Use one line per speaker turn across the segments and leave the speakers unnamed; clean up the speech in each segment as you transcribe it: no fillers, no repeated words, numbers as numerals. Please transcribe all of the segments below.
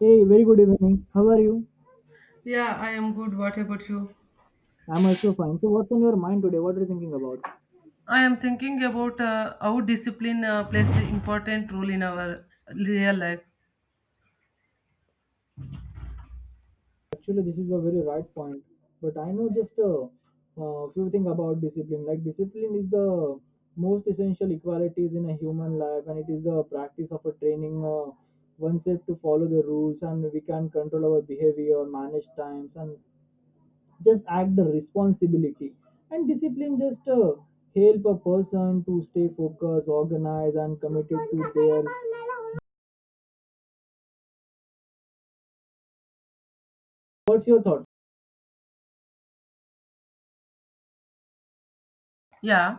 Hey, very good evening. How are you?
Yeah, I am good. What about you?
I'm also fine. So, what's on your mind today? What are you thinking about?
I am thinking about how discipline plays an important role in our real life.
Actually, this is a very right point, but I know just a few things about discipline. Like, discipline is the most essential equalities in a human life, and it is the practice of a training oneself to follow the rules, and we can control our behavior, manage times, and just act the responsibility. And discipline just help a person to stay focused, organized, and committed to their What's your thought?
Yeah,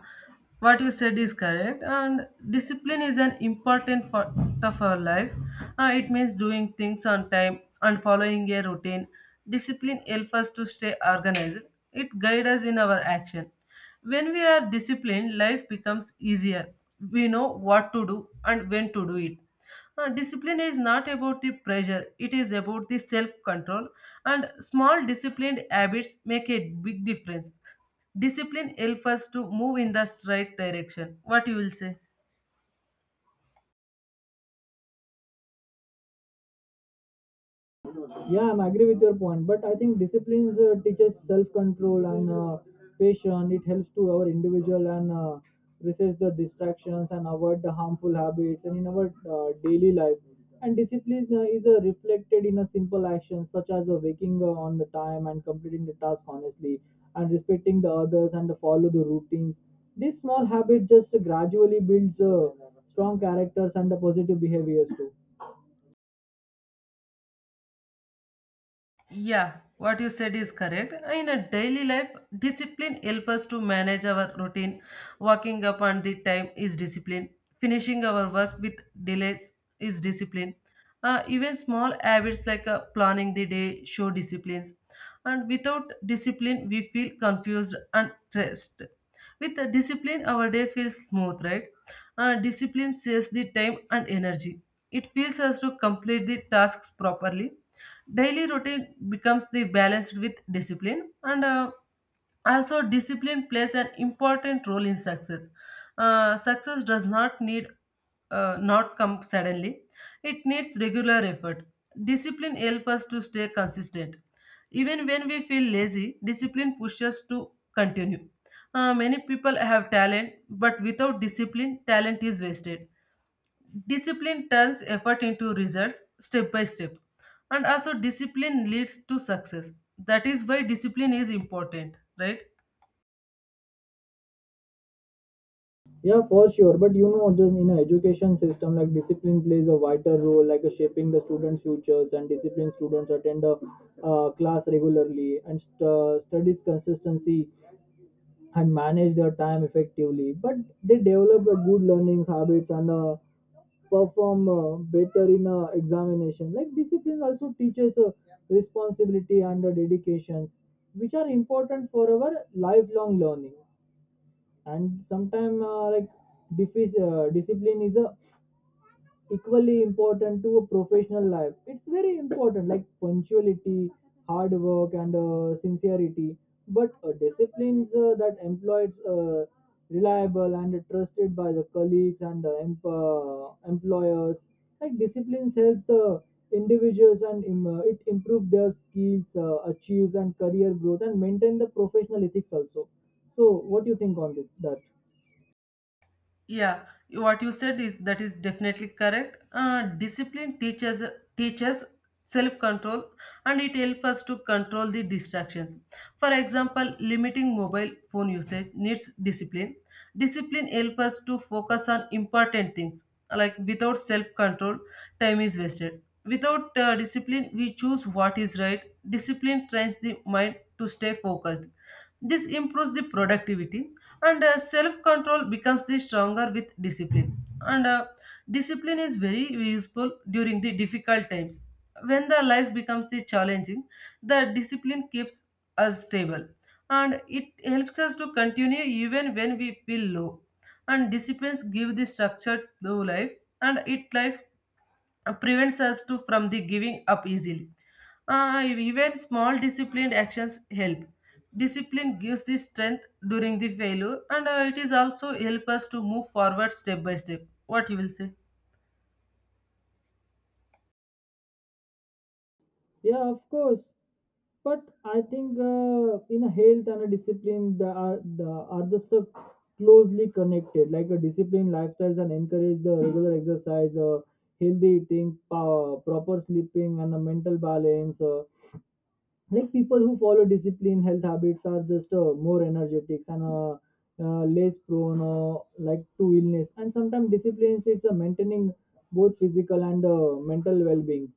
what you said is correct. And discipline is an important part of our life. It means doing things on time and following a routine. Discipline helps us to stay organized. It guides us in our action. When we are disciplined, life becomes easier. We know what to do and when to do it. Discipline is not about the pressure, it is about the self control, and small disciplined habits make a big difference. Discipline helps us to move in the right direction. What you will say?
Yeah, I'm agree with your point, but I think discipline teaches self-control and patience. It helps to our individual and resist the distractions and avoid the harmful habits and in our daily life. And discipline is reflected in a simple action such as waking on the time and completing the task honestly and respecting the others and follow the routines. This small habit just gradually builds strong characters and the positive behaviors too.
Yeah, what you said is correct. In a daily life, discipline helps us to manage our routine. Walking up on the time is discipline. Finishing our work with delays is discipline. Even small habits like planning the day show disciplines. And without discipline, we feel confused and stressed. With the discipline, our day feels smooth, right? Discipline saves the time and energy. It feels us to complete the tasks properly. Daily routine becomes the balanced with discipline, and also discipline plays an important role in success. Success does not need not come suddenly. It needs regular effort. Discipline helps us to stay consistent. Even when we feel lazy, discipline pushes us to continue. Many people have talent, but without discipline, talent is wasted. Discipline turns effort into results step by step. And also, discipline leads to success. That is why discipline is important, right?
Yeah, for sure. But you know, just in an education system, like discipline plays a vital role, like shaping the students' futures. And disciplined students attend a class regularly and studies consistency and manage their time effectively. But they develop a good learning habits and perform better in examination. Like discipline also teaches responsibility and dedication, which are important for our lifelong learning and sometimes like discipline is a equally important to a professional life. It's very important, like punctuality, hard work, and sincerity. But disciplines that employed reliable and trusted by the colleagues and the employers. Like disciplines helps the individuals and it improve their skills achieves and career growth and maintain the professional ethics also. So what do you think on this, that
Yeah, what you said is that is definitely correct. Discipline teaches teaches self control, and it helps us to control the distractions. For example, limiting mobile phone usage needs discipline. Discipline helps us to focus on important things. Like without self control, time is wasted. Without discipline, we choose what is right. Discipline trains the mind to stay focused. This improves the productivity and self control becomes the stronger with discipline. And Discipline is very useful during the difficult times. When the life becomes the challenging, the discipline keeps us stable and it helps us to continue even when we feel low. And disciplines give the structure to life and it life prevents us to from the giving up easily. Even small disciplined actions help. Discipline gives the strength during the failure, and it is also help us to move forward step by step. What you will say?
Yeah, of course. But I think in a health and a discipline, the are the are the stuff closely connected. Like a discipline lifestyles and encourage the regular exercise, healthy eating, proper sleeping, and a mental balance. Like people who follow discipline health habits are just more energetic and less prone like to illness. And sometimes discipline it's maintaining both physical and mental well-being.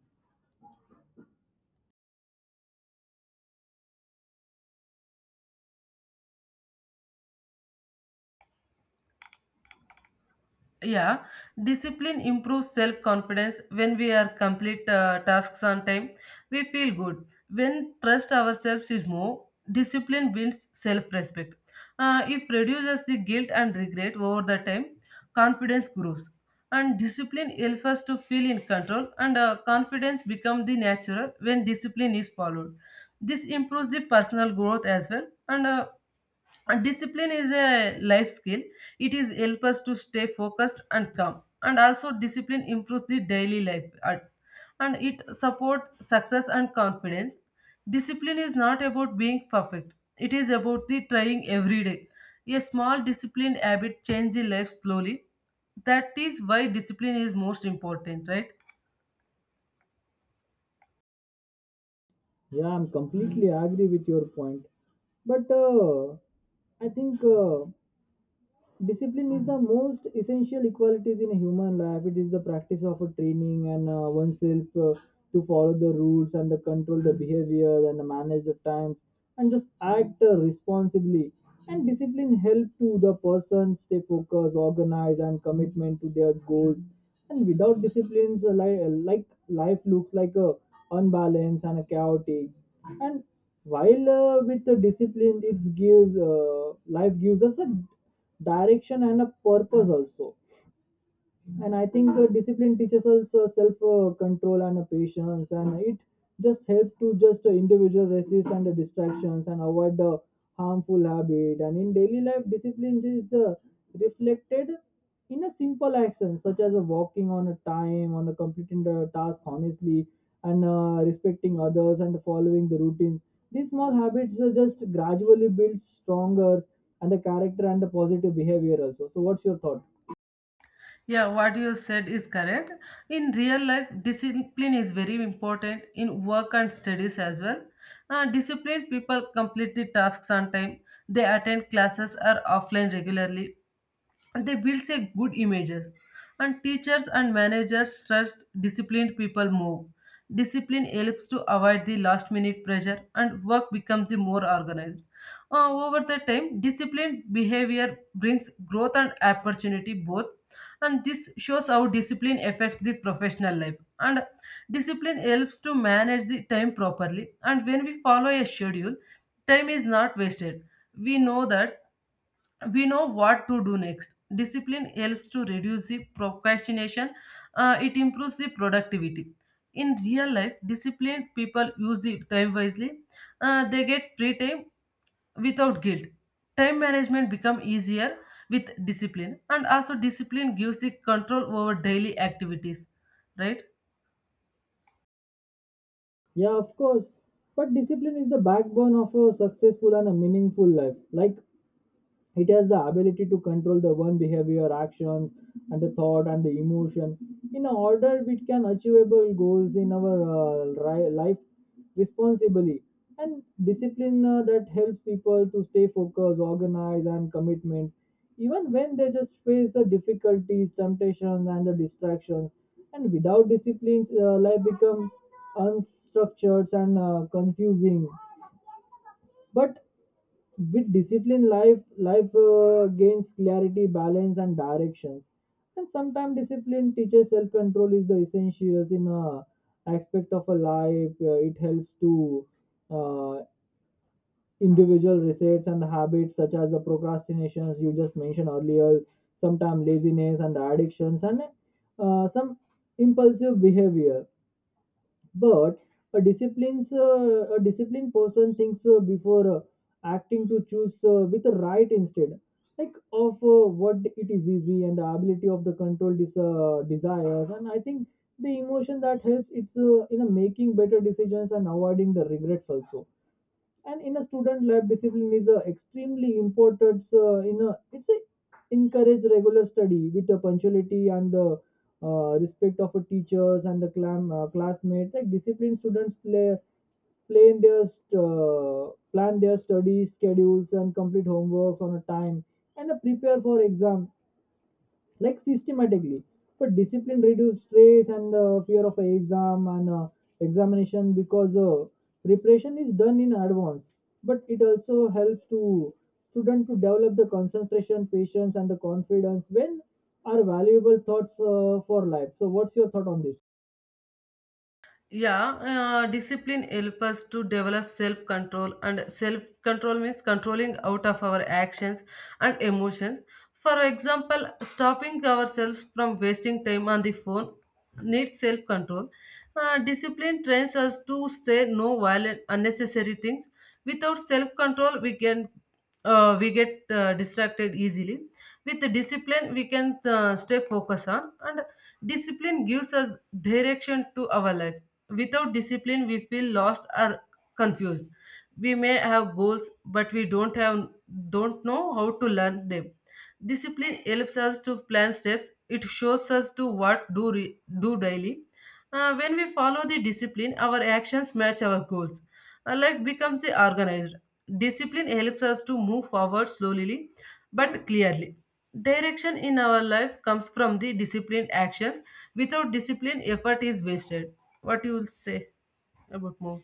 Yeah, discipline improves self confidence. When we are complete tasks on time, we feel good when trust ourselves is more. Discipline builds self respect. Uh, if reduces the guilt and regret over the time. Confidence grows, and discipline helps us to feel in control, and confidence become the natural when discipline is followed. This improves the personal growth as well. And discipline is a life skill. It is help us to stay focused and calm, and also discipline improves the daily life and it support success and confidence. Discipline is not about being perfect. It is about the trying every day. A small disciplined habit change the life slowly. That is why discipline is most important, right?
Yeah, I'm completely agree with your point. But I think discipline is the most essential equalities in a human life. It is the practice of a training and oneself to follow the rules and the control the behavior and manage the times and just act responsibly. And discipline help to the person stay focused, organized, and commitment to their goals. And without disciplines, like life looks like a unbalanced and a chaotic. And while with the discipline it gives life gives us a direction and a purpose also. And I think discipline teaches us self control and patience, and it just helps to just individual resist and distractions and avoid the harmful habit. And in daily life discipline is reflected in a simple action such as walking on a time on a completing the task honestly and respecting others and following the routine. These small habits just gradually build stronger and the character and the positive behavior also. So what's your thought?
Yeah, what you said is correct. In real life, discipline is very important in work and studies as well. Disciplined people complete the tasks on time, they attend classes or offline regularly, and they builds a good images, and teachers and managers trust disciplined people more. Discipline helps to avoid the last minute pressure, and work becomes the more organized. Over the time, disciplined behavior brings growth and opportunity both, and this shows how discipline affects the professional life. And discipline helps to manage the time properly, and when we follow a schedule, time is not wasted. we know that we know what to do next. Discipline helps to reduce the procrastination, it improves the productivity. In real life, disciplined people use the time wisely. They get free time without guilt. Time management become easier with discipline, and also discipline gives the control over daily activities, right?
Yeah, of course. But discipline is the backbone of a successful and a meaningful life. Like it has the ability to control the one behavior, actions, and the thought and the emotion. In a order, we can achievable goals in our life responsibly. And discipline that helps people to stay focused, organized, and commitment, even when they just face the difficulties, temptations, and the distractions. And without disciplines, life become unstructured and confusing. But with discipline life gains clarity, balance, and directions. And sometimes discipline teaches self-control is the essentials in a aspect of a life. It helps to uh, individual resets and habits such as the procrastinations you just mentioned earlier, sometimes laziness and addictions and some impulsive behavior. But a disciplined person thinks before acting to choose with the right instead like of what it is easy and the ability of the control desires. And I think the emotion that helps it's in a making better decisions and avoiding the regrets also. And in a student lab discipline is extremely important in a it's a encourage regular study with the punctuality and the respect of a teachers and the classmates. Like disciplined students play plan their study schedules and complete homeworks on a time and prepare for exam like systematically. But discipline reduces stress and the fear of exam and examination because preparation is done in advance. But it also helps to student to develop the concentration, patience, and the confidence when are valuable thoughts for life. So what's your thought on this?
Yeah, discipline helps us to develop self control, and self control means controlling out of our actions and emotions. For example, stopping ourselves from wasting time on the phone needs self control. Discipline trains us to say no violent, unnecessary things. Without self control, we get distracted easily. With discipline, we can stay focused on. And discipline gives us direction to our life. Without discipline, we feel lost or confused. We may have goals, but we don't know how to learn them. Discipline helps us to plan steps. It shows us to what do daily. When we follow the discipline, our actions match our goals. Life becomes organized. Discipline helps us to move forward slowly but clearly. Direction in our life comes from the disciplined actions. Without discipline, effort is wasted. What you will say about more?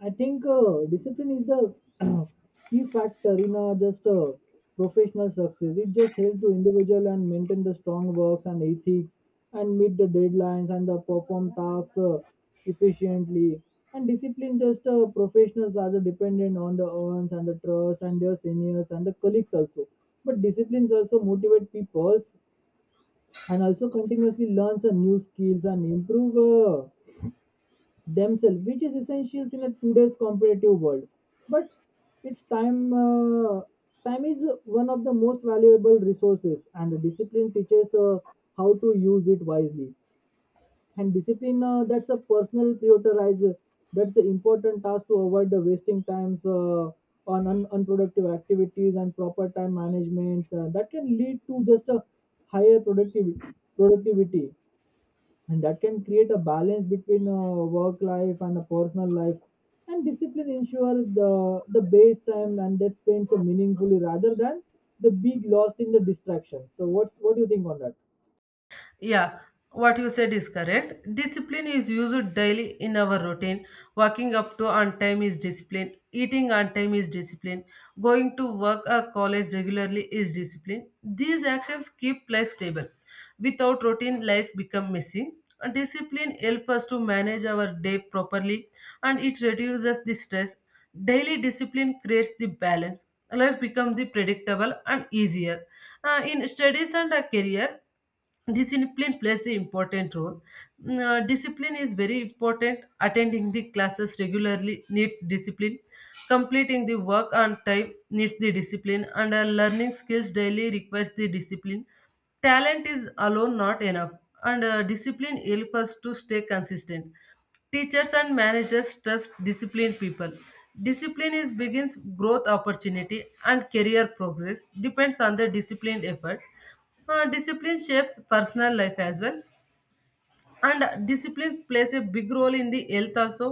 I think discipline is the key factor in just professional success. It just helps to individual and maintain the strong works and ethics and meet the deadlines and the perform tasks efficiently. And discipline just professionals are the dependent on the earns and the trust and their seniors and the colleagues also. But disciplines also motivate people and also continuously learns new skills and improve. Themselves, which is essential in a today's competitive world. But it's time. Time is one of the most valuable resources, and the discipline teaches how to use it wisely. And discipline that's a personal prioritize. That's the important task to avoid the wasting times on unproductive activities and proper time management. That can lead to just a higher productivity. Productivity, and that can create a balance between work life and a personal life. And discipline ensures the base time and that spends a meaningfully rather than the big lost in the distraction. So what do you think on that?
Yeah, what you said is correct. Discipline is used daily in our routine. Walking up to on time is discipline. Eating on time is discipline. Going to work or college regularly is discipline. These actions keep life stable. Without routine, life become messy. And discipline helps us to manage our day properly, and it reduces the stress. Daily discipline creates the balance. Life becomes the predictable and easier. In studies and a career, discipline plays the important role. Mm, discipline is very important. Attending the classes regularly needs discipline, completing the work on time needs the discipline, and learning skills daily requires the discipline. Talent is alone not enough, and discipline helps us to stay consistent. Teachers and managers trust disciplined people. Discipline is begins growth opportunity, and career progress depends on the disciplined effort. Discipline shapes personal life as well, and discipline plays a big role in the health also.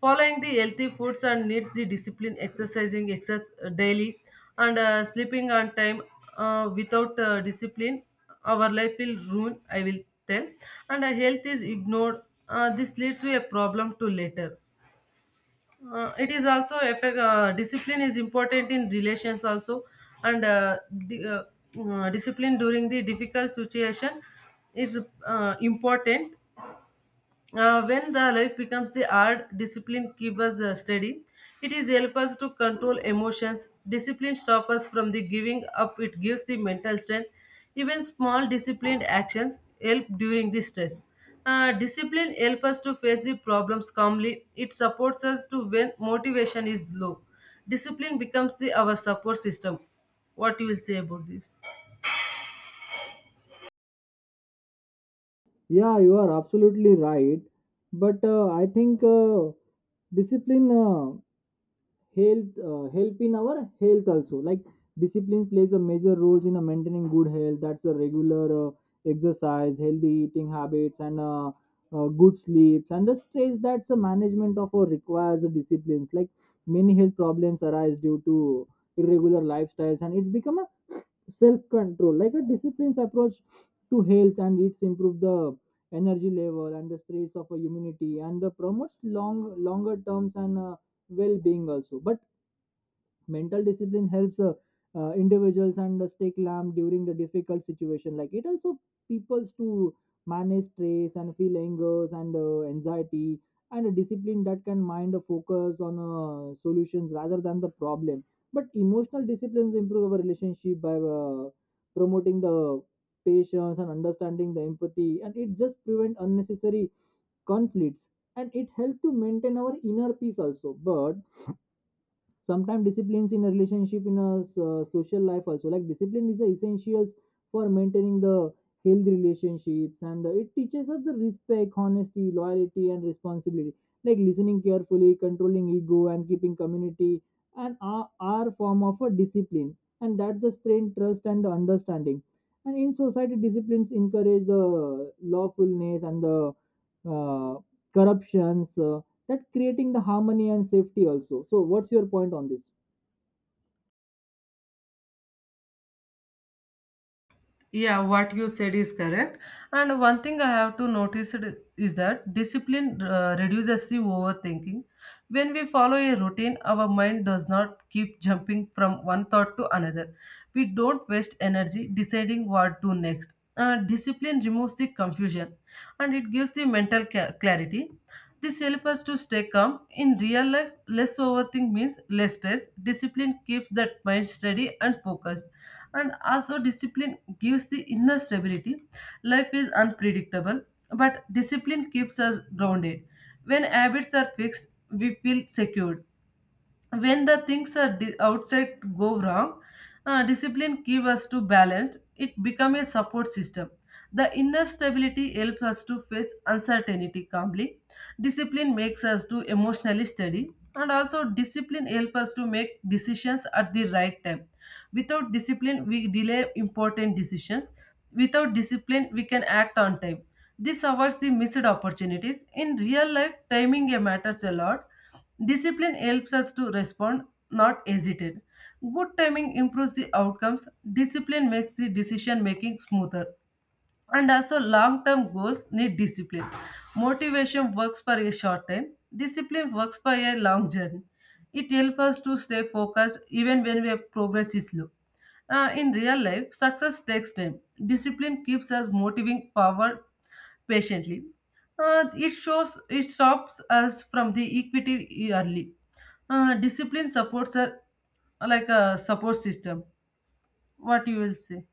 Following the healthy foods and needs the discipline, exercising excess daily, and sleeping on time. Without discipline, our life will ruin, I will tell, and health is ignored. This leads to a problem to later. It is also effect. Discipline is important in relations also. And uh, di- uh, uh, discipline during the difficult situation is important. When the life becomes the art, discipline keeps us steady. It is help us to control emotions. Discipline stops us from the giving up. It gives the mental strength. Even small disciplined actions help during the stress. Discipline helps us to face the problems calmly. It supports us to when motivation is low. Discipline becomes the our support system. What you will say about this?
Yeah, you are absolutely right. But I think discipline. Health help in our health also. Like discipline plays a major role in maintaining good health. That's a regular exercise, healthy eating habits, and good sleeps and the stress. That's a management of or requires a disciplines. Like many health problems arise due to irregular lifestyles, and it's become a self control like a disciplines approach to health, and it's improve the energy level and the strength of a immunity and the promotes longer terms and well being also. But mental discipline helps individuals and stay calm during the difficult situation. Like it also peoples to manage stress and feel angers and anxiety. And a discipline that can mind a focus on solutions rather than the problem. But emotional disciplines improve our relationship by promoting the patience and understanding the empathy, and it just prevent unnecessary conflicts, and it helps to maintain our inner peace also. But sometimes disciplines in a relationship in a social life also. Like discipline is the essentials for maintaining the healthy relationships, and it teaches us the respect, honesty, loyalty, and responsibility. Like listening carefully, controlling ego, and keeping community, and are form of a discipline, and that's the strength trust and the understanding. And in society disciplines encourage the lawfulness and the uh, corruptions that creating the harmony and safety also. So what's your point on this?
Yeah, what you said is correct. And one thing I have to notice it is that discipline reduces the overthinking. When we follow a routine, our mind does not keep jumping from one thought to another. We don't waste energy deciding what to next. Discipline removes the confusion, and it gives the mental clarity. This helps us to stay calm. In real life, less overthink means less stress. Discipline keeps that mind steady and focused. And also, discipline gives the inner stability. Life is unpredictable, but discipline keeps us grounded. When habits are fixed, we feel secured when the things are outside go wrong. Discipline give us to balance, it become a support system. The inner stability helps us to face uncertainty calmly. Discipline makes us to emotionally steady, and also discipline helps us to make decisions at the right time. Without discipline, we delay important decisions. Without discipline, we can act on time. This avoids the missed opportunities. In real life, timing matters a lot. Discipline helps us to respond, not hesitate. Good timing improves the outcomes. Discipline makes the decision making smoother, and also long term goals need discipline. Motivation works for a short time, discipline works for a long journey. It helps us to stay focused even when we have progress is slow. In real life, success takes time. Discipline keeps us moving forward patiently. It shows it stops us from the equity early. Discipline supports are like a support system. What you will say?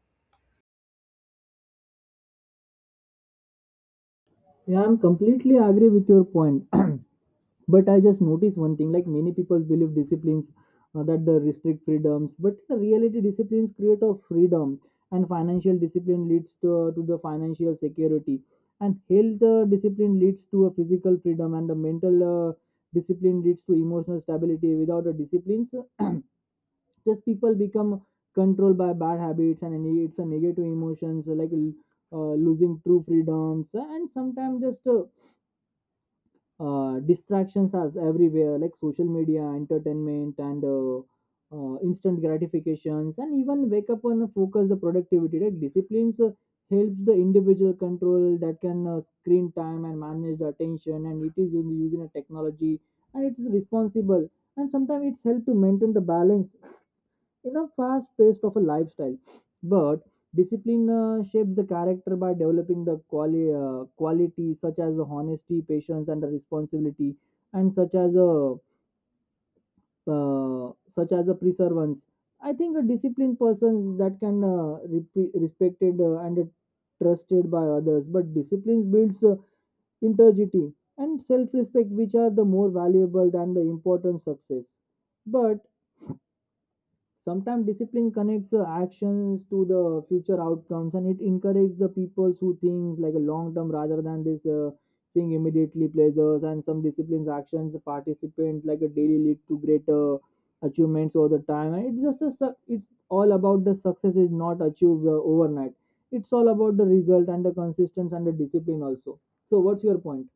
Yeah, I'm completely agree with your point. But I just noticed one thing. Like many people believe disciplines that the restrict freedoms, but in reality disciplines create a freedom. And financial discipline leads to the financial security, and health discipline leads to a physical freedom, and the mental discipline leads to emotional stability. Without a disciplines just people become controlled by bad habits and it's a negative emotions like losing true freedoms. And sometimes just distractions are everywhere, like social media, entertainment, and instant gratifications, and even wake up and focus the productivity. Like disciplines helps the individual control that can screen time and manage the attention, and it is using a technology and it is responsible. And sometimes it's help to maintain the balance in a fast pace of a lifestyle. But discipline shapes the character by developing the qualities such as honesty, patience, and responsibility, and such as a perseverance. I think a disciplined persons that can repe respected and trusted by others, but discipline builds integrity and self-respect, which are the more valuable than the important success. But sometimes discipline connects actions to the future outcomes, and it encourages the people who think like a long term rather than this seeing immediately pleasures. And some disciplines actions the participants like a daily lead to greater achievements over the time. And it's just a su- it's all about the success is not achieved overnight. It's all about the result and the consistency and the discipline also. So what's your point?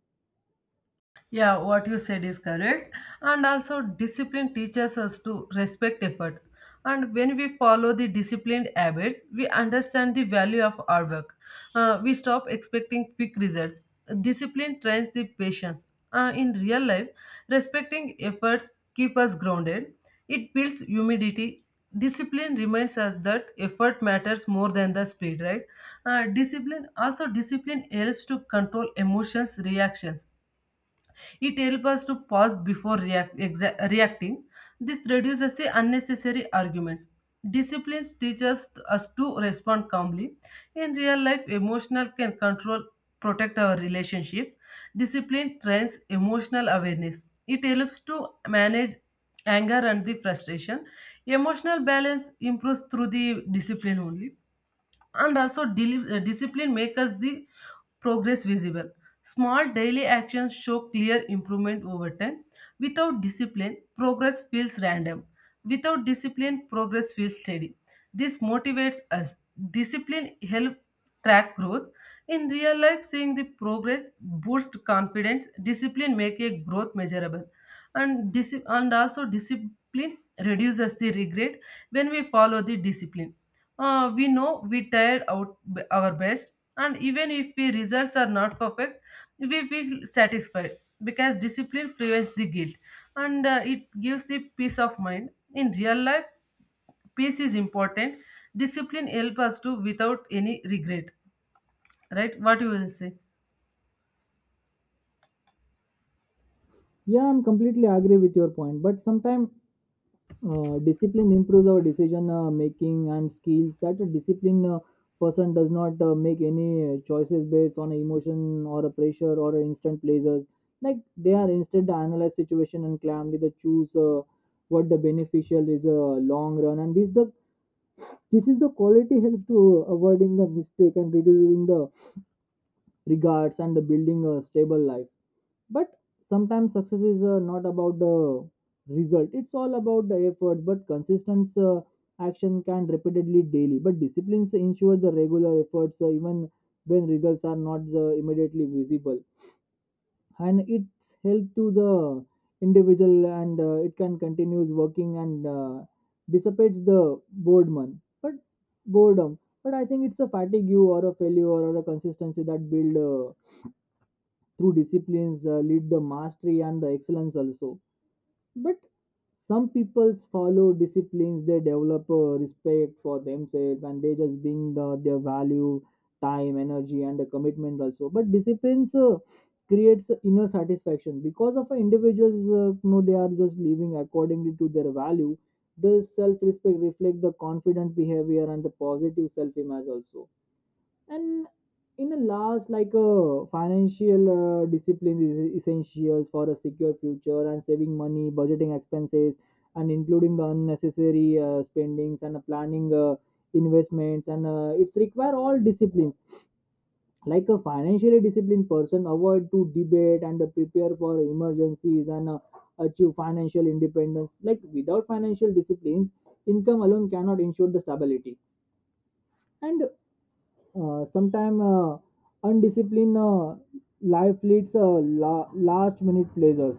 Yeah, what you said is correct. And also, discipline teaches us to respect effort. And when we follow the disciplined habits, we understand the value of our work. We stop expecting quick results. Discipline trains the patience. In real life, respecting efforts keep us grounded. It builds humidity. Discipline reminds us that effort matters more than the speed, right? Discipline helps to control emotions, reactions. It helps us to pause before react, reacting. This reduces the unnecessary arguments. Disciplines teaches us to respond calmly. In real life, emotional can control protect our relationships. Discipline trains emotional awareness. It helps to manage anger and the frustration. Emotional balance improves through the discipline only. And also discipline makes the progress visible. Small daily actions show clear improvement over time. Without discipline, progress feels random. Without discipline, progress feels steady. This motivates us. Discipline helps track growth. In real life, seeing the progress boosts confidence. Discipline make a growth measurable. And also discipline reduces the regret. When we follow the discipline, we know we tried our best, and even if the results are not perfect, we feel satisfied because discipline prevents the guilt, and it gives the peace of mind. In real life, peace is important. Discipline helps us to without any regret, right? What you will say?
Yeah, I'm completely agree with your point, but sometimes discipline improves our decision making and skills that a disciplined person does not make any choices based on emotion or a pressure or a instant pleasures. Like, they are instead analyze situation and calmly they choose what the beneficial is a long run, and this is the quality help to avoiding the mistake and reducing the regards and the building a stable life. But sometimes success is not about the result, it's all about the effort, but consistent action can repeatedly daily, but disciplines ensure the regular efforts even when results are not immediately visible. And it's help to the individual, and it can continues working and dissipates the boredom but boredom. But I think it's a fatigue you or a failure or a consistency that build through disciplines lead the mastery and the excellence also. But some peoples follow disciplines, they develop a respect for themselves, and they just bring the, their value time energy and the commitment also. But disciplines creates inner satisfaction because of individuals, they are just living accordingly to their value. The self-respect reflect the confident behavior and the positive self-image also. And in a last, like financial discipline is essential for a secure future, and saving money, budgeting expenses, and including the unnecessary spendings, and planning investments, and it's require all disciplines. Like a financially disciplined person avoid to debate and prepare for emergencies and achieve financial independence. Like, without financial disciplines income alone cannot ensure the stability. And sometime undisciplined life leads last minute pleasures,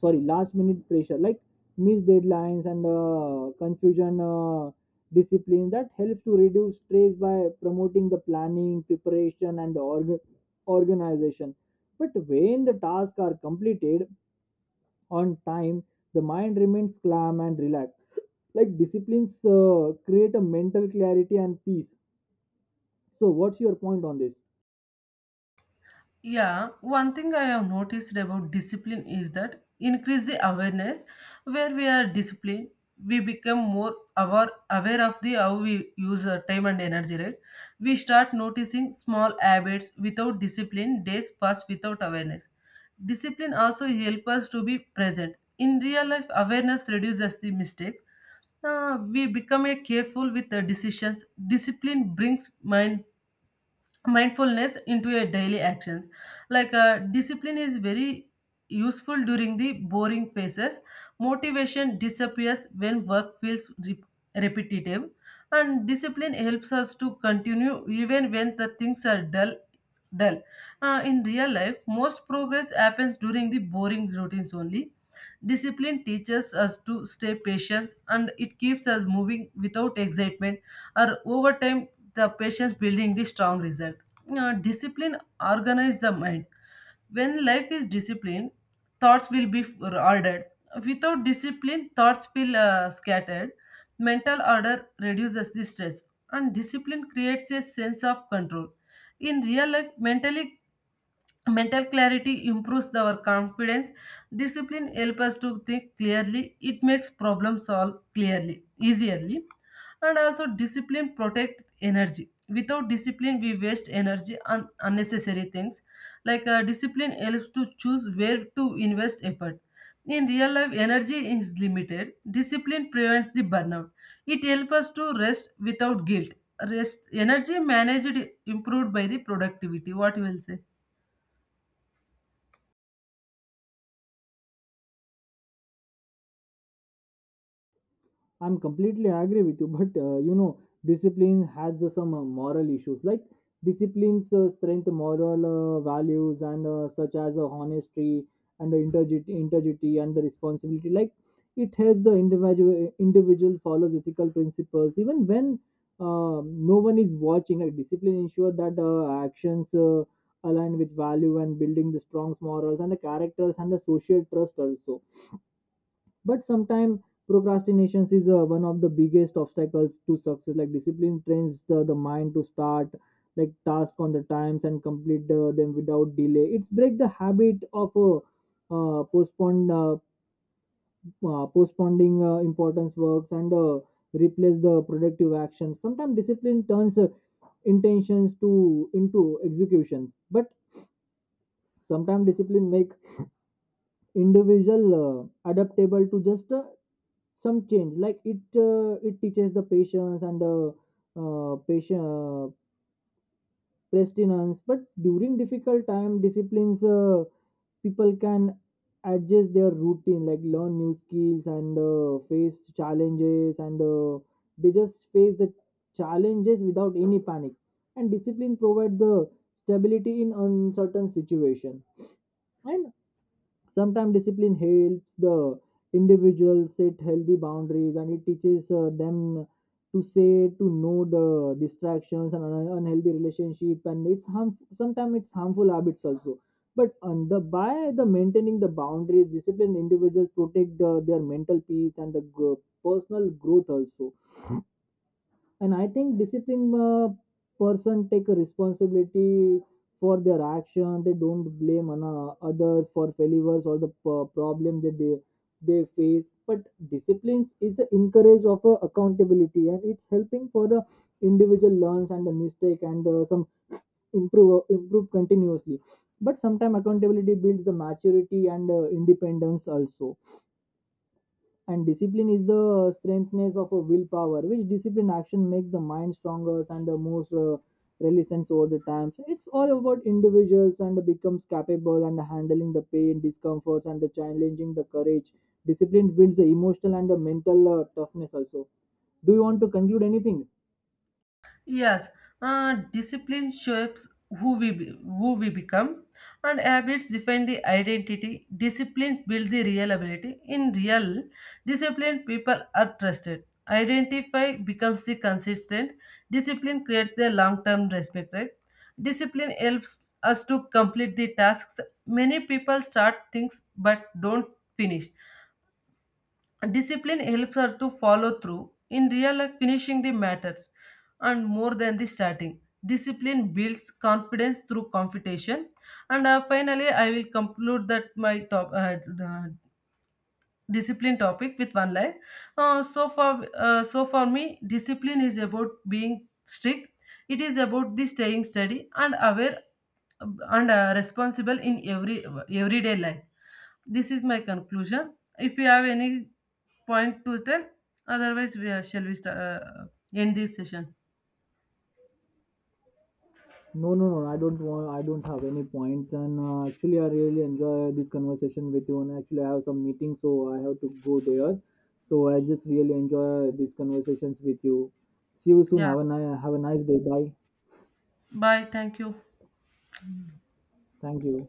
sorry, last minute pressure, like missed deadlines and confusion. Discipline that helps to reduce stress by promoting the planning, preparation and the organization. But when the tasks are completed on time, the mind remains calm and relaxed. Like, disciplines create a mental clarity and peace. So what's your point on this?
Yeah, one thing I have noticed about discipline is that increase the awareness. Where we are disciplined, we become aware of the how we use our time and energy, right? We start noticing small habits. Without discipline, days pass without awareness. Discipline also help us to be present. In real life, awareness reduces the mistakes. We become a careful with the decisions. Discipline brings mindfulness into your daily actions. Like discipline is very useful during the boring phases. Motivation disappears when work feels repetitive, and discipline helps us to continue even when the things are dull. In real life, most progress happens during the boring routines only. Discipline teaches us to stay patient, and it keeps us moving without excitement or over time. The patience building the strong result. Discipline organize the mind. When life is disciplined, thoughts will be ordered. Without discipline, thoughts feel scattered. Mental order reduces the stress, and discipline creates a sense of control. In real life, mental clarity improves our confidence. Discipline helps us to think clearly. It makes problem solve clearly easily. And also discipline protects energy. Without discipline, we waste energy on unnecessary things. Like discipline helps to choose where to invest effort. In real life, energy is limited. Discipline prevents the burnout. It helps us to rest without guilt. Rest energy managed, improved by the productivity. What you will say?
I'm completely agree with you, but you know, discipline has some moral issues. Like, disciplines strength moral values and such as honesty and integrity, integrity and the responsibility. Like, it helps the individual follows ethical principles even when uh, no one is watching. Like, discipline ensure that actions align with value, and building the strong morals and the characters and the social trust also. But sometimes procrastination is one of the biggest obstacles to success. Like, discipline trains the mind to start like task on the times and complete them without delay. It's break the habit of postpone postponing importance works, and replace the productive action. Sometimes discipline turns intentions to into execution. But sometimes discipline make individual adaptable to just some change. Like, it teaches the patience and the patient prestinence. But during difficult time, disciplines people can adjust their routine, like learn new skills and face challenges, and they just face the challenges without any panic. And discipline provide the stability in uncertain situation. And sometimes discipline helps the individual set healthy boundaries, and it teaches them to say to know the distractions and unhealthy relationship, and it's harm, sometimes it's harmful habits also. But on the by the maintaining the boundaries, disciplined individuals protect the, their mental peace and the personal growth also. And I think disciplined person take a responsibility for their action. They don't blame on, others for failures or the problem that they face. But disciplines is the encourage of accountability, and it's helping for the individual learns and the mistake, and some improve improve continuously. But sometimes accountability builds the maturity and independence also. And discipline is the strengthness of a willpower, which discipline action make the mind stronger and the most resilience over the times. It's all about individuals and becomes capable and handling the pain discomforts and the challenging the courage. Discipline builds the emotional and the mental toughness also. Do you want to conclude anything?
Yes, discipline shapes who we become, and habits define the identity. Discipline builds the real ability. In real discipline, people are trusted. Identify becomes the consistent. Discipline creates the long-term respect, right? Discipline helps us to complete the tasks. Many people start things but don't finish. Discipline helps her to follow through. In real life, finishing the matters and more than the starting. Discipline builds confidence through competition. And finally, I will conclude that my top uh, discipline topic with one line. So for me, discipline is about being strict. It is about the staying steady and aware and responsible in every everyday life. This is my conclusion. If you have any point to tell, otherwise we are, shall we end this session.
No, no, no. I don't want. I don't have any points. And actually, I really enjoy this conversation with you. And actually, I have some meeting, so I have to go there. So I just really enjoy these conversations with you. See you soon.
Yeah.
Have a nice day. Bye.
Bye. Thank you.
Thank you.